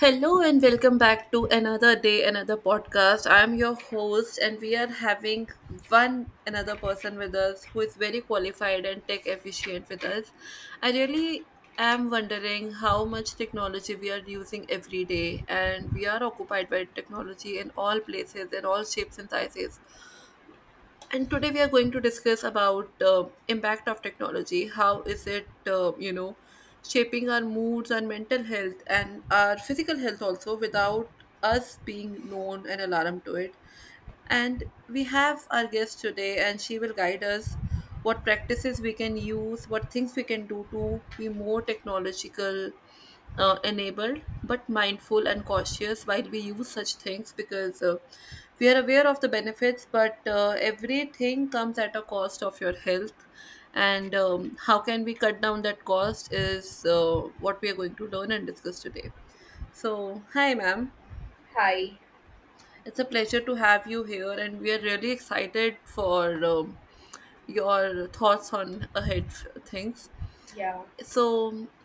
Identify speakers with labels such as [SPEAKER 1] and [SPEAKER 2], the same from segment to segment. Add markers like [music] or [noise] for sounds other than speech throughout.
[SPEAKER 1] Hello and welcome back to another day, another podcast. I'm your host, and we are having one another person with us who is very qualified and tech efficient with us. I really am wondering how much technology we are using every day, and we are occupied by technology in all places, in all shapes and sizes. And today we are going to discuss about impact of technology. How is it shaping our moods and mental health and our physical health also, without us being known an alarm to it. And we have our guest today and she will guide us what practices we can use, what things we can do to be more technological enabled, but mindful and cautious while we use such things, because we are aware of the benefits, but everything comes at a cost of your health. And how can we cut down that cost is what we are going to learn and discuss today. So, hi, ma'am.
[SPEAKER 2] Hi.
[SPEAKER 1] It's a pleasure to have you here, and we are really excited for your thoughts on ahead things.
[SPEAKER 2] Yeah.
[SPEAKER 1] so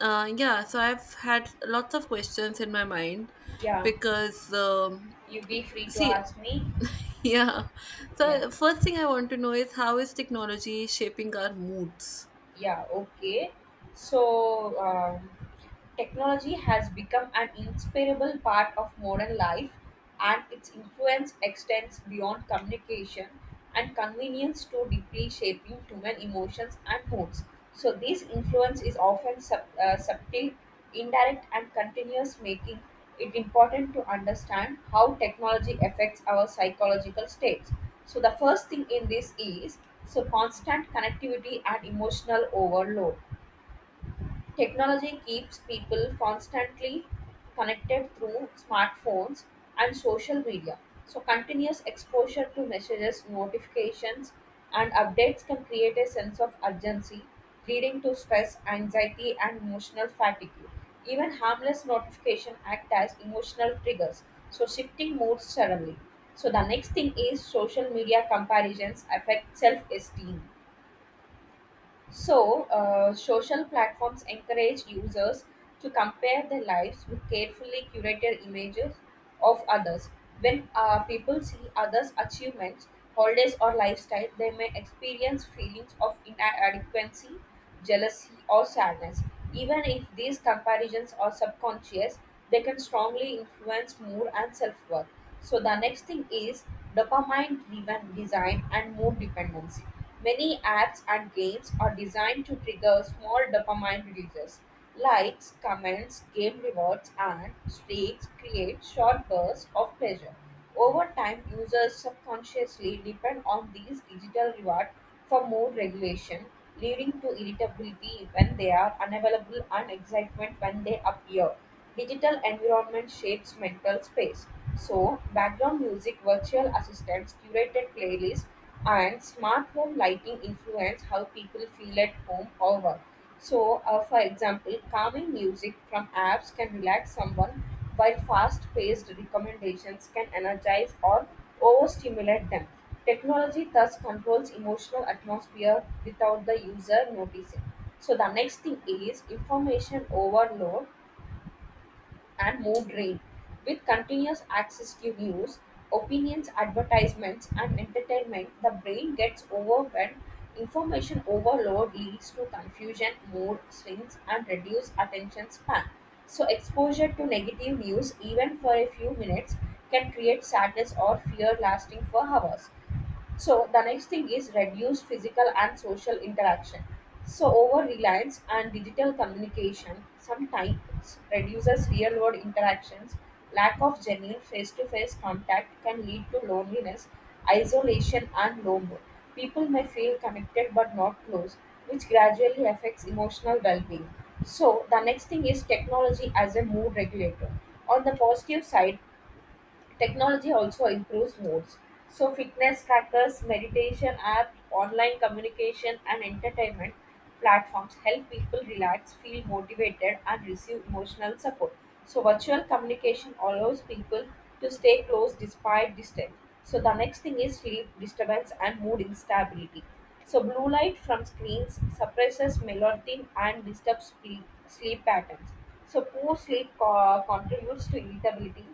[SPEAKER 1] uh, yeah, so I've had lots of questions in my mind,
[SPEAKER 2] Yeah.
[SPEAKER 1] because
[SPEAKER 2] You be free to
[SPEAKER 1] see.
[SPEAKER 2] ask me.
[SPEAKER 1] [laughs] Yeah. So
[SPEAKER 2] Yeah.
[SPEAKER 1] first thing I want to know is, how is technology shaping our moods.
[SPEAKER 2] Yeah. Okay. So, um, Technology has become an inseparable part of modern life, and its influence extends beyond communication and convenience to deeply shaping human emotions and moods. So, this influence is often subtle, indirect and continuous, making it important to understand how technology affects our psychological states. So the first thing in this is, so, constant connectivity and emotional overload. Technology keeps people constantly connected through smartphones and social media. So, continuous exposure to messages, notifications, and updates can create a sense of urgency, leading to stress, anxiety, and emotional fatigue. Even harmless notifications act as emotional triggers, so shifting moods suddenly. So, the next thing is social media comparisons affect self esteem. So, social platforms encourage users to compare their lives with carefully curated images of others. When people see others' achievements, holidays, or lifestyle, they may experience feelings of inadequacy, jealousy, or sadness. Even if these comparisons are subconscious, they can strongly influence mood and self worth. So, the next thing is dopamine driven design and mood dependency. Many apps and games are designed to trigger small dopamine releases. Likes, comments, game rewards, and streaks create short bursts of pleasure. Over time, users subconsciously depend on these digital rewards for more regulation, leading to irritability when they are unavailable and excitement when they appear. Digital environment shapes mental space. So, background music, virtual assistants, curated playlists, and smart home lighting influence how people feel at home or work. So, for example, calming music from apps can relax someone, while fast paced recommendations can energize or overstimulate them. Technology thus controls emotional atmosphere without the user noticing. So, the next thing is information overload and more drained. With continuous access to news, opinions, advertisements, and entertainment, the brain gets overwhelmed. Information overload leads to confusion, mood swings, and reduced attention span. So, exposure to negative news, even for a few minutes, can create sadness or fear lasting for hours. So the next thing is reduced physical and social interaction. So over reliance and digital communication sometimes reduces real world interactions. Lack of genuine face to face contact can lead to loneliness, isolation, and low mood. People may feel connected but not close, which gradually affects emotional well being. So the next thing is technology as a mood regulator. On the positive side, technology also improves moods. So, fitness trackers, meditation apps, online communication, and entertainment platforms help people relax, feel motivated, and receive emotional support. So, virtual communication allows people to stay close despite distance. So, the next thing is sleep disturbance and mood instability. So, blue light from screens suppresses melatonin and disturbs sleep patterns. So, poor sleep contributes to irritability,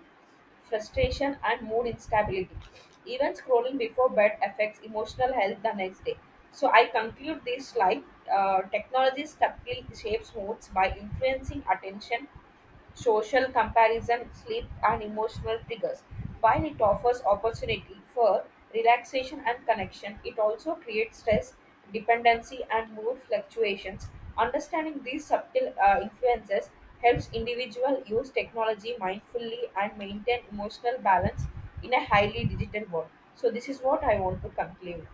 [SPEAKER 2] frustration, and mood instability. Even scrolling before bed affects emotional health the next day. So I conclude this slide. Technology subtly shapes moods by influencing attention, social comparison, sleep, and emotional triggers. While it offers opportunity for relaxation and connection, it also creates stress, dependency, and mood fluctuations. Understanding these subtle influences helps individuals use technology mindfully and maintain emotional balance in a highly digital world. So this is what I want to conclude.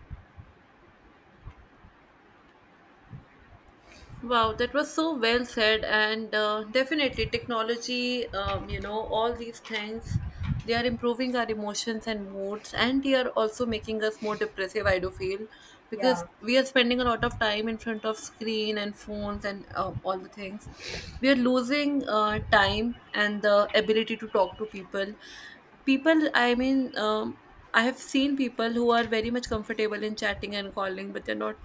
[SPEAKER 1] Wow, that was so well said, and definitely technology, all these things, they are improving our emotions and moods, and they are also making us more depressive, I do feel, because
[SPEAKER 2] Yeah,
[SPEAKER 1] we are spending a lot of time in front of screen and phones and all the things. We are losing time and the ability to talk to people. I mean, I have seen people who are very much comfortable in chatting and calling, but they're not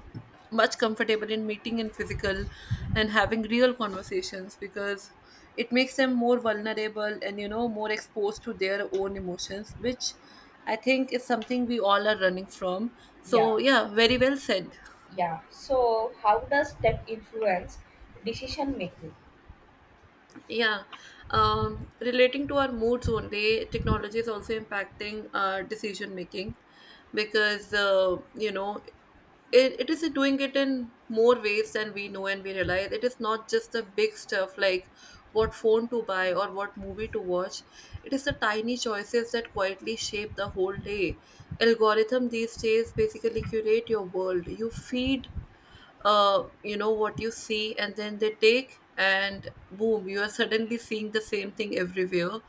[SPEAKER 1] much comfortable in meeting in physical and having real conversations, because it makes them more vulnerable and more exposed to their own emotions, which I think is something we all are running from. So
[SPEAKER 2] yeah,
[SPEAKER 1] yeah, very well said.
[SPEAKER 2] yeah. So how does tech influence decision making?
[SPEAKER 1] Yeah. Relating to our moods only, technology is also impacting our decision making, because, it is doing it in more ways than we know and we realize. It is not just the big stuff like what phone to buy or what movie to watch. It is the tiny choices that quietly shape the whole day. Algorithm these days basically curate your world. You feed what you see, and then they take and boom, you are suddenly seeing the same thing everywhere.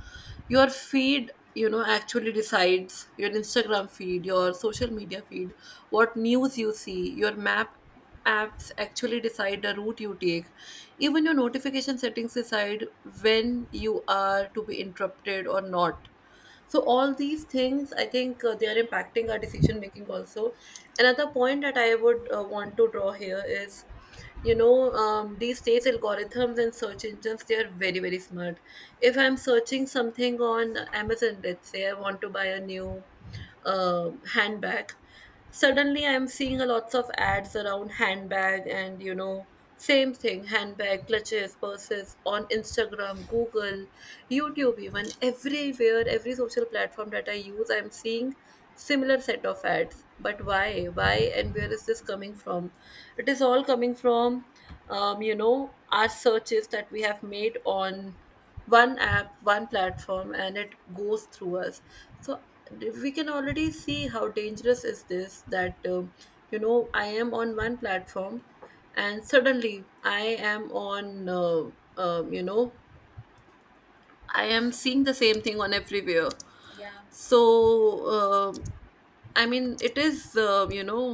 [SPEAKER 1] Your feed actually decides your Instagram feed, your social media feed, what news you see. Your map apps actually decide the route you take. Even your notification settings decide when you are to be interrupted or not. So all these things, I think, they are impacting our decision making also. Another point that I would want to draw here is, these days algorithms and search engines, they are very very smart. If I'm searching something on Amazon, let's say I want to buy a new handbag. Suddenly, I'm seeing a lots of ads around handbag, and same thing, handbag, clutches, purses on Instagram, Google, YouTube, even everywhere, every social platform that I use, I'm seeing similar set of ads. But why? Why and where is this coming from? It is all coming from, our searches that we have made on one app, one platform, and it goes through us. So we can already see how dangerous is this, that I am on one platform, and suddenly am on uh, um, you know I am seeing the same thing on everywhere.
[SPEAKER 2] Yeah,
[SPEAKER 1] So, uh, I mean, it is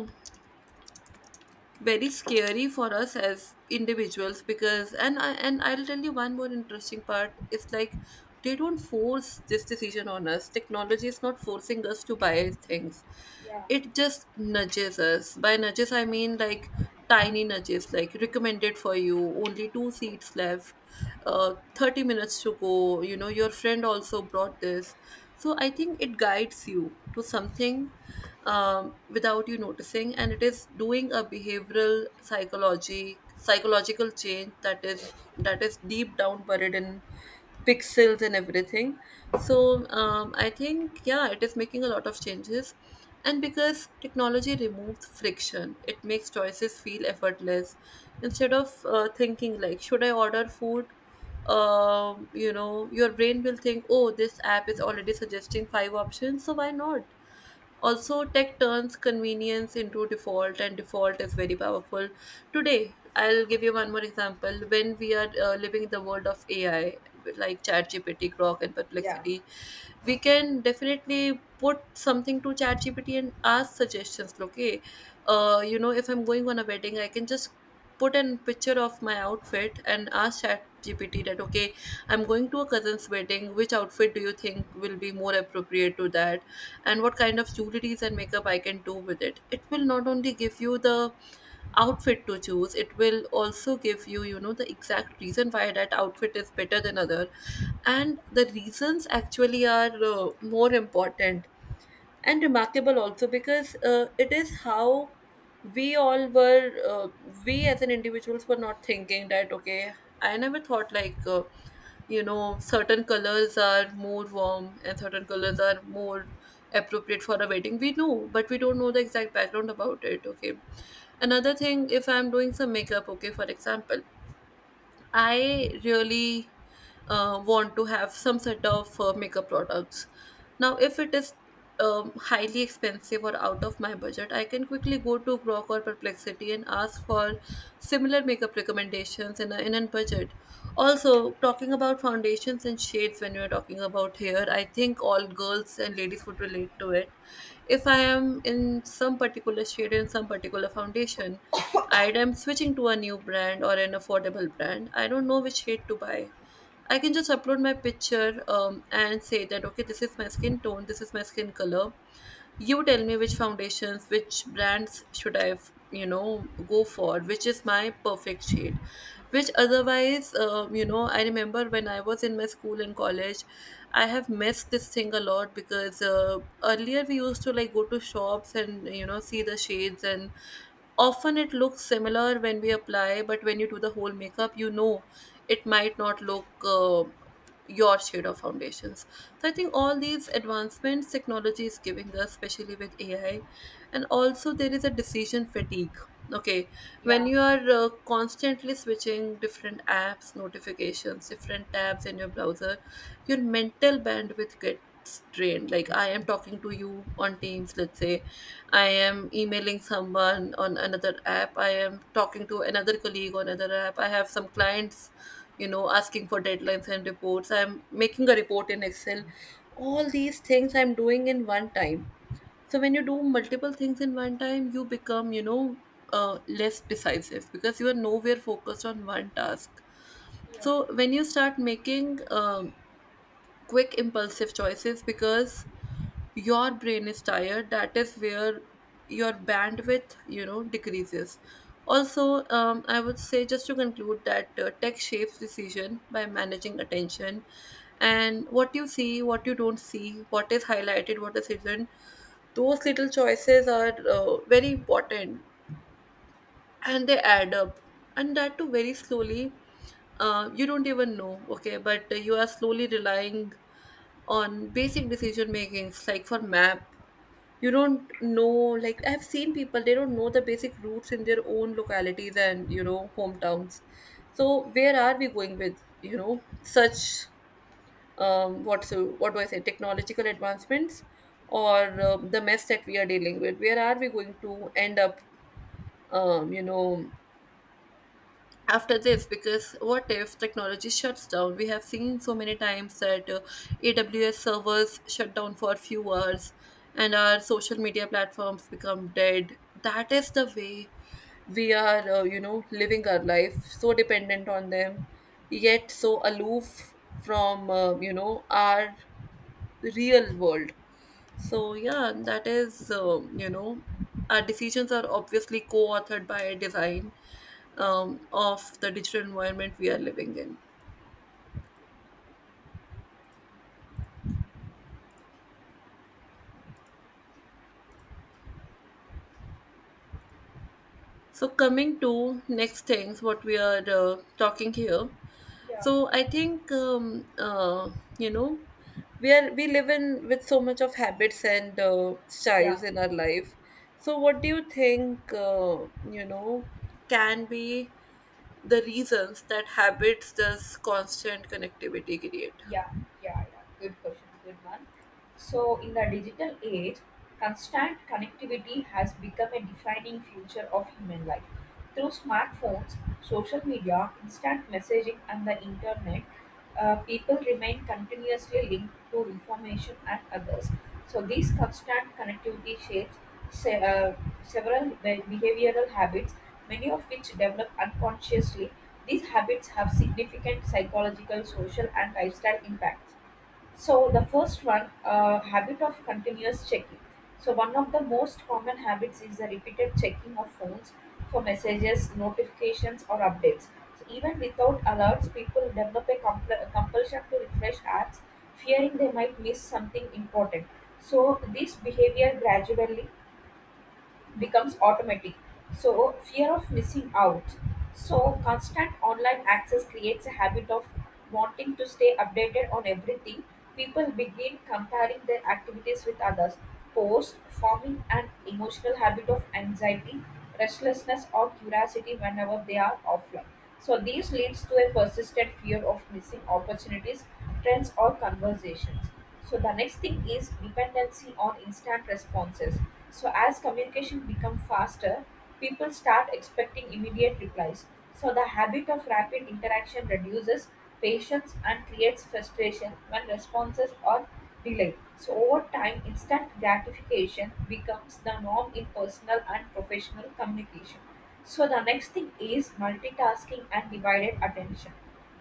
[SPEAKER 1] very scary for us as individuals, because, and I'll tell you one more interesting part. It's like, they don't force this decision on us. Technology is not forcing us to buy things.
[SPEAKER 2] yeah.
[SPEAKER 1] It just nudges us. By nudges I mean, like, tiny nudges like recommended for you, only two seats left, 30 minutes to go, your friend also brought this. So I think it guides you to something, without you noticing, and it is doing a behavioral psychology psychological change, that is deep down buried in pixels and everything. So I think, yeah, it is making a lot of changes, and because technology removes friction, it makes choices feel effortless. Instead of thinking like, should I order food? Your brain will think, oh, this app is already suggesting five options, so why not? Also, tech turns convenience into default, and default is very powerful. Today, I'll give you one more example. When we are living in the world of AI, like ChatGPT, Grok, and
[SPEAKER 2] Yeah,
[SPEAKER 1] Perplexity, we can definitely put something to ChatGPT and ask suggestions. Okay, if I'm going on a wedding, I can just put an picture of my outfit and ask ChatGPT that, okay, I'm going to a cousin's wedding. Which outfit do you think will be more appropriate to that? And what kind of jewelries and makeup I can do with it? It will not only give you the outfit to choose, it will also give you, you know the exact reason why that outfit is better than other, and the reasons actually are more important and remarkable also, because it is how we all were uh, we as an individuals were not thinking, that okay, I never thought like, certain colors are more warm and certain colors are more appropriate for a wedding. We know, but we don't know the exact background about it. Okay, another thing, if I'm doing some makeup, okay, for example, I really want to have some sort of makeup products. Now, if it is highly expensive or out of my budget, I can quickly go to Grok or Perplexity and ask for similar makeup recommendations in a budget. Also, talking about foundations and shades, when we are talking about hair, I think all girls and ladies would relate to it. If I am in some particular shade and some particular foundation, I am switching to a new brand or an affordable brand, I don't know which shade to buy. I can just upload my picture, and say that, okay, this is my skin tone, this is my skin color, you tell me which foundations, which brands should I go for, which is my perfect shade. Which otherwise, I remember when I was in my school and college, I have missed this thing a lot, because earlier we used to like go to shops and see the shades, and often it looks similar when we apply, but when you do the whole makeup, it might not look your shade of foundations. So I think all these advancements technology is giving us, especially with AI. And also, there is a decision fatigue. Okay, when
[SPEAKER 2] yeah,
[SPEAKER 1] you are constantly switching different apps, notifications, different tabs in your browser, your mental bandwidth gets drained. Like, I am talking to you on Teams, let's say, I am emailing someone on another app, I am talking to another colleague on another app, I have some clients asking for deadlines and reports, I'm making a report in Excel, all these things I'm doing in one time. So when you do multiple things in one time, you become, less decisive, because you are nowhere focused on one task.
[SPEAKER 2] yeah,
[SPEAKER 1] So when you start making quick impulsive choices, because your brain is tired, that is where your bandwidth decreases. Also, I would say, just to conclude, that tech shapes decision by managing attention, and what you see, what you don't see, what is highlighted, what is hidden, those little choices are very important, and they add up, and that too very slowly. You don't even know, okay, but you are slowly relying on basic decision makings, like for map you don't know. Like, I've seen people, they don't know the basic routes in their own localities and hometowns. So where are we going with such, what so what do I say, technological advancements, or the mess that we are dealing with? Where are we going to end up, um you know after this? Because what if technology shuts down? We have seen so many times that AWS servers shut down for a few hours, and our social media platforms become dead. That is the way we are, living our life so dependent on them, yet so aloof from our real world. So yeah, that is You know, our decisions are obviously co-authored by a design
[SPEAKER 2] yeah,
[SPEAKER 1] of the digital environment we are living in. So coming to next things, what we are talking here.
[SPEAKER 2] yeah,
[SPEAKER 1] So I think you know we live in with so much of habits and
[SPEAKER 2] yeah.
[SPEAKER 1] styles in our life. So what do you think you know can be the reasons that habits this constant connectivity create.
[SPEAKER 2] Yeah, yeah, yeah. Good question, good one. So, in the digital age, constant connectivity has become a defining feature of human life. Through smartphones, social media, instant messaging, and the internet, people remain continuously linked to information and others. So, this constant connectivity shapes se- uh, several behavioral habits, many of which develop unconsciously. These habits have significant psychological, social, and lifestyle impacts. So, the first one, habit of continuous checking. So, one of the most common habits is the repeated checking of phones for messages, notifications, or updates. So, even without alerts, people develop a compulsion to refresh apps, fearing they might miss something important. So, this behavior gradually becomes automatic. So, fear of missing out. So, constant online access creates a habit of wanting to stay updated on everything. People begin comparing their activities with others, post forming an emotional habit of anxiety, restlessness, or curiosity whenever they are offline. So, this leads to a persistent fear of missing opportunities, trends, or conversations. So the next thing is dependency on instant responses. So as communication become faster, people start expecting immediate replies. So the habit of rapid interaction reduces patience and creates frustration when responses are delayed. So over time, instant gratification becomes the norm in personal and professional communication. So the next thing is multitasking and divided attention.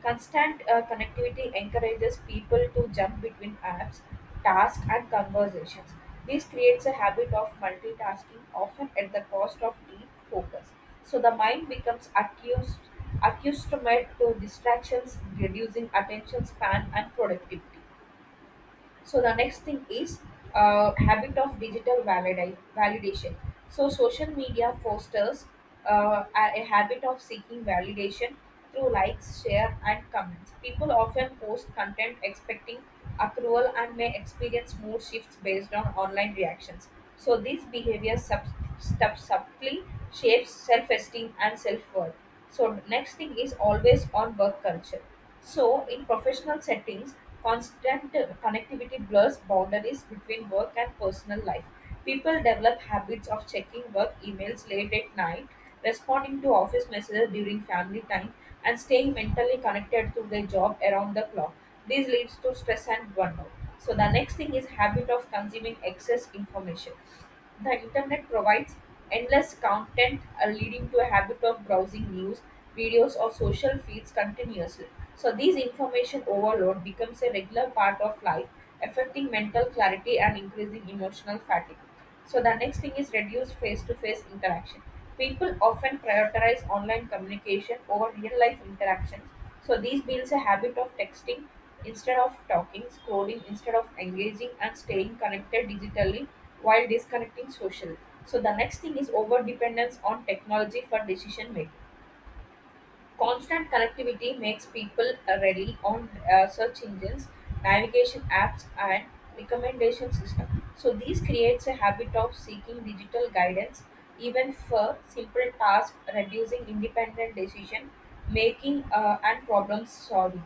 [SPEAKER 2] Constant connectivity encourages people to jump between apps, tasks, and conversations. This creates a habit of multitasking, often at the cost of deep focus. So the mind becomes accustomed to distractions, reducing attention span and productivity. So the next thing is habit of digital validation. So social media fosters a habit of seeking validation through likes, share, and comments. People often post content expecting approval and may experience mood shifts based on online reactions. So these behaviors subtly shapes self-esteem and self-worth. So next thing is always on work culture. So in professional settings, constant connectivity blurs boundaries between work and personal life. People develop habits of checking work emails late at night, responding to office messages during family time, and staying mentally connected to their job around the clock. This leads to stress and burnout. So the next thing is habit of consuming excess information. The internet provides endless content, leading to a habit of browsing news, videos or social feeds continuously. So these information overload becomes a regular part of life, affecting mental clarity and increasing emotional fatigue. So the next thing is reduced face-to-face interaction. People often prioritize online communication over real-life interactions. So this builds a habit of texting instead of talking, scrolling instead of engaging, and staying connected digitally while disconnecting socially. So the next thing is over dependence on technology for decision making. Constant connectivity makes people rely on search engines, navigation apps, and recommendation system. So these creates a habit of seeking digital guidance even for simple tasks, reducing independent decision making and problem solving.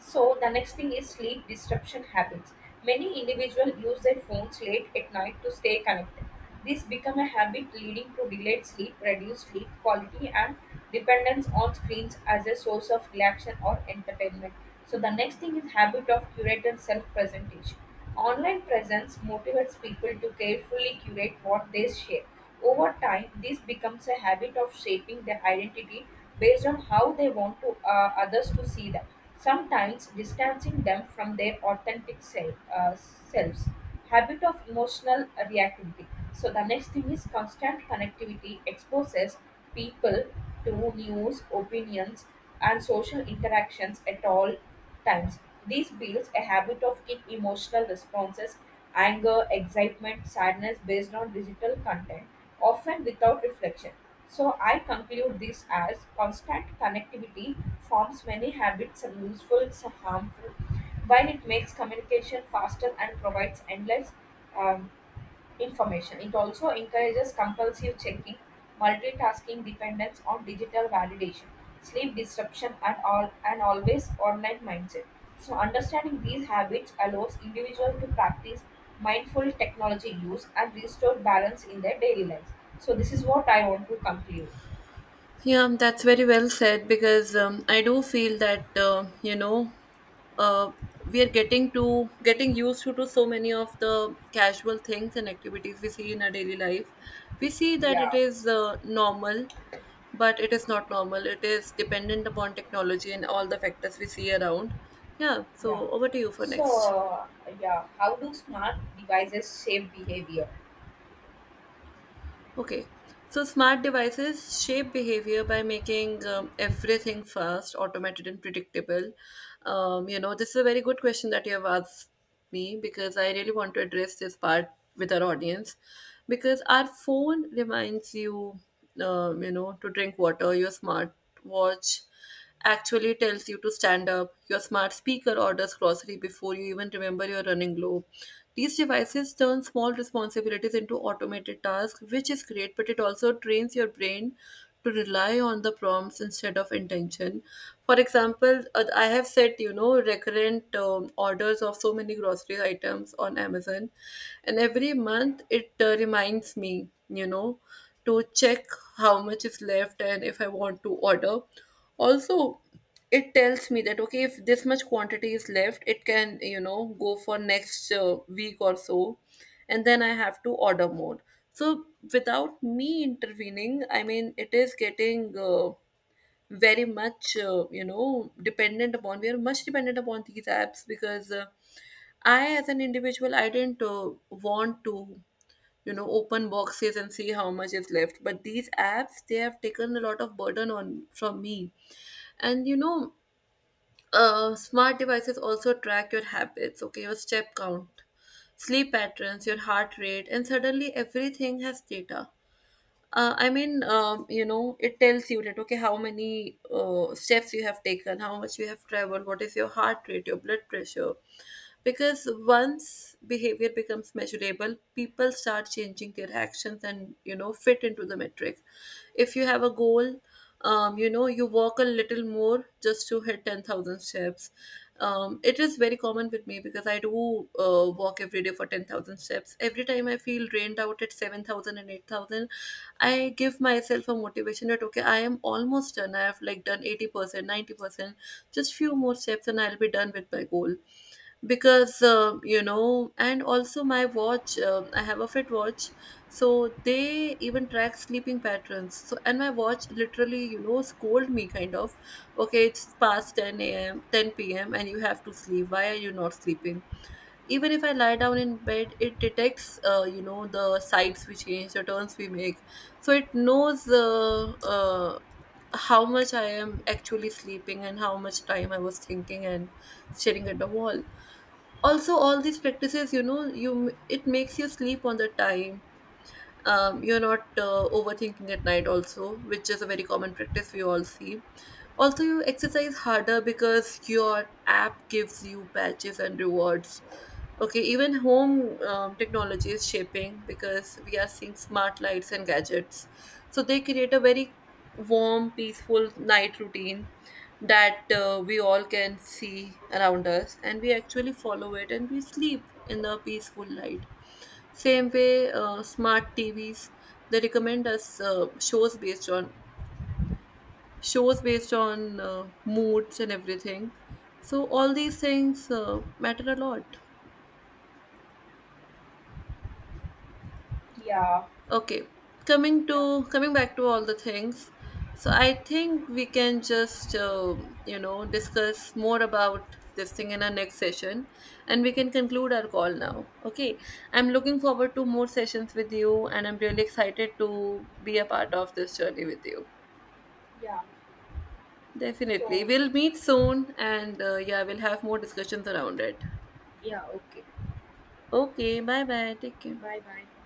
[SPEAKER 2] So the next thing is sleep disruption habits. Many individuals use their phones late at night to stay connected. This become a habit leading to delayed sleep, reduced sleep quality, and dependence on screens as a source of relaxation or entertainment. So the next thing is habit of curated self-presentation. Online presence motivates people to carefully curate what they share. Over time, this becomes a habit of shaping their identity based on how they want to others to see them, sometimes distancing them from their authentic selves. Habit of emotional reactivity. So, the next thing is constant connectivity exposes people to news, opinions, and social interactions at all times. This builds a habit of quick emotional responses, anger, excitement, sadness based on digital content, often without reflection. So I conclude this as constant connectivity forms many habits, and useful and harmful, while it makes communication faster and provides endless um, information. It also encourages compulsive checking, multitasking dependence on digital validation, sleep disruption, and all and always online mindset. So understanding these habits allows individuals to practice mindful technology use and restore balance in their daily lives. So this is what I want to conclude.
[SPEAKER 1] Yeah, that's very well said, because I do feel that uh, we are getting used to so many of the casual things and activities we see in our daily life. We see that it
[SPEAKER 2] Yeah,
[SPEAKER 1] is normal, but it is not normal. It is dependent upon technology and all the factors we see around. Yeah,
[SPEAKER 2] yeah.
[SPEAKER 1] so over to you for
[SPEAKER 2] So
[SPEAKER 1] next.
[SPEAKER 2] uh, yeah, how do smart devices shape behavior?
[SPEAKER 1] Okay, so smart devices shape behavior by making everything fast, automated, and predictable. You know, this is a very good question that you have asked me, because I really want to address this part with our audience. Because our phone reminds you, you know, to drink water. Your smartwatch actually tells you to stand up. Your smart speaker orders grocery before you even remember you're running low. These devices turn small responsibilities into automated tasks, which is great, but it also trains your brain to rely on the prompts instead of intention. For example, I have set, you know, recurrent orders of so many grocery items on Amazon, and every month it reminds me, you know, to check how much is left and if I want to order. Also, it tells me that okay, if this much quantity is left, it can, you know, go for next week or so, and then I have to order more. So without me intervening, I mean, it is getting very much dependent upon, we are much dependent upon these apps, because I as an individual, I didn't want to, you know, open boxes and see how much is left, but these apps, they have taken a lot of burden on from me. And you know, smart devices also track your habits, okay, your step count, sleep patterns, your heart rate, and suddenly everything has data. You know, it tells you that okay, how many steps you have taken, how much you have traveled, what is your heart rate, your blood pressure. Because once behavior becomes measurable, people start changing their actions and, you know, fit into the metric. If you have a goal, you know, you walk a little more just to hit 10,000 steps. It is very common with me because I do walk every day for 10,000 steps. Every time I feel drained out at seven thousand and eight thousand, I give myself a motivation that okay, I am almost done. I have like done 80%, 90%, just few more steps and I'll be done with my goal. Because, you know, and also my watch, I have a Fit watch. So they even track sleeping patterns. So, and my watch literally, you know, scold me kind of, okay, it's past 10 a.m., 10 p.m., and you have to sleep. Why are you not sleeping? Even if I lie down in bed, it detects, you know, the sides we change, the turns we make. So it knows how much I am actually sleeping and how much time I was thinking and staring at the wall. Also, all these practices, you know, you, it makes you sleep on the time. You're not overthinking at night also, which is a very common practice we all see. Also, you exercise harder because your app gives you badges and rewards. Okay, even home technology is shaping, because we are seeing smart lights and gadgets. So they create a very warm, peaceful night routine that we all can see around us, and we actually follow it and we sleep in the peaceful light. Same way, smart TVs, they recommend us shows based on moods and everything. So all these things matter a lot.
[SPEAKER 2] Yeah,
[SPEAKER 1] Okay,
[SPEAKER 2] yeah,
[SPEAKER 1] coming back to all the things. So I think we can just you know, discuss more about this thing in our next session, and we can conclude our call now. Okay, I'm looking forward to more sessions with you, and I'm really excited to be a part of this journey with you.
[SPEAKER 2] yeah.
[SPEAKER 1] Definitely.
[SPEAKER 2] So
[SPEAKER 1] We'll meet soon and yeah, we'll have more discussions around it.
[SPEAKER 2] yeah, okay.
[SPEAKER 1] Okay, bye bye. Take care.
[SPEAKER 2] Bye bye.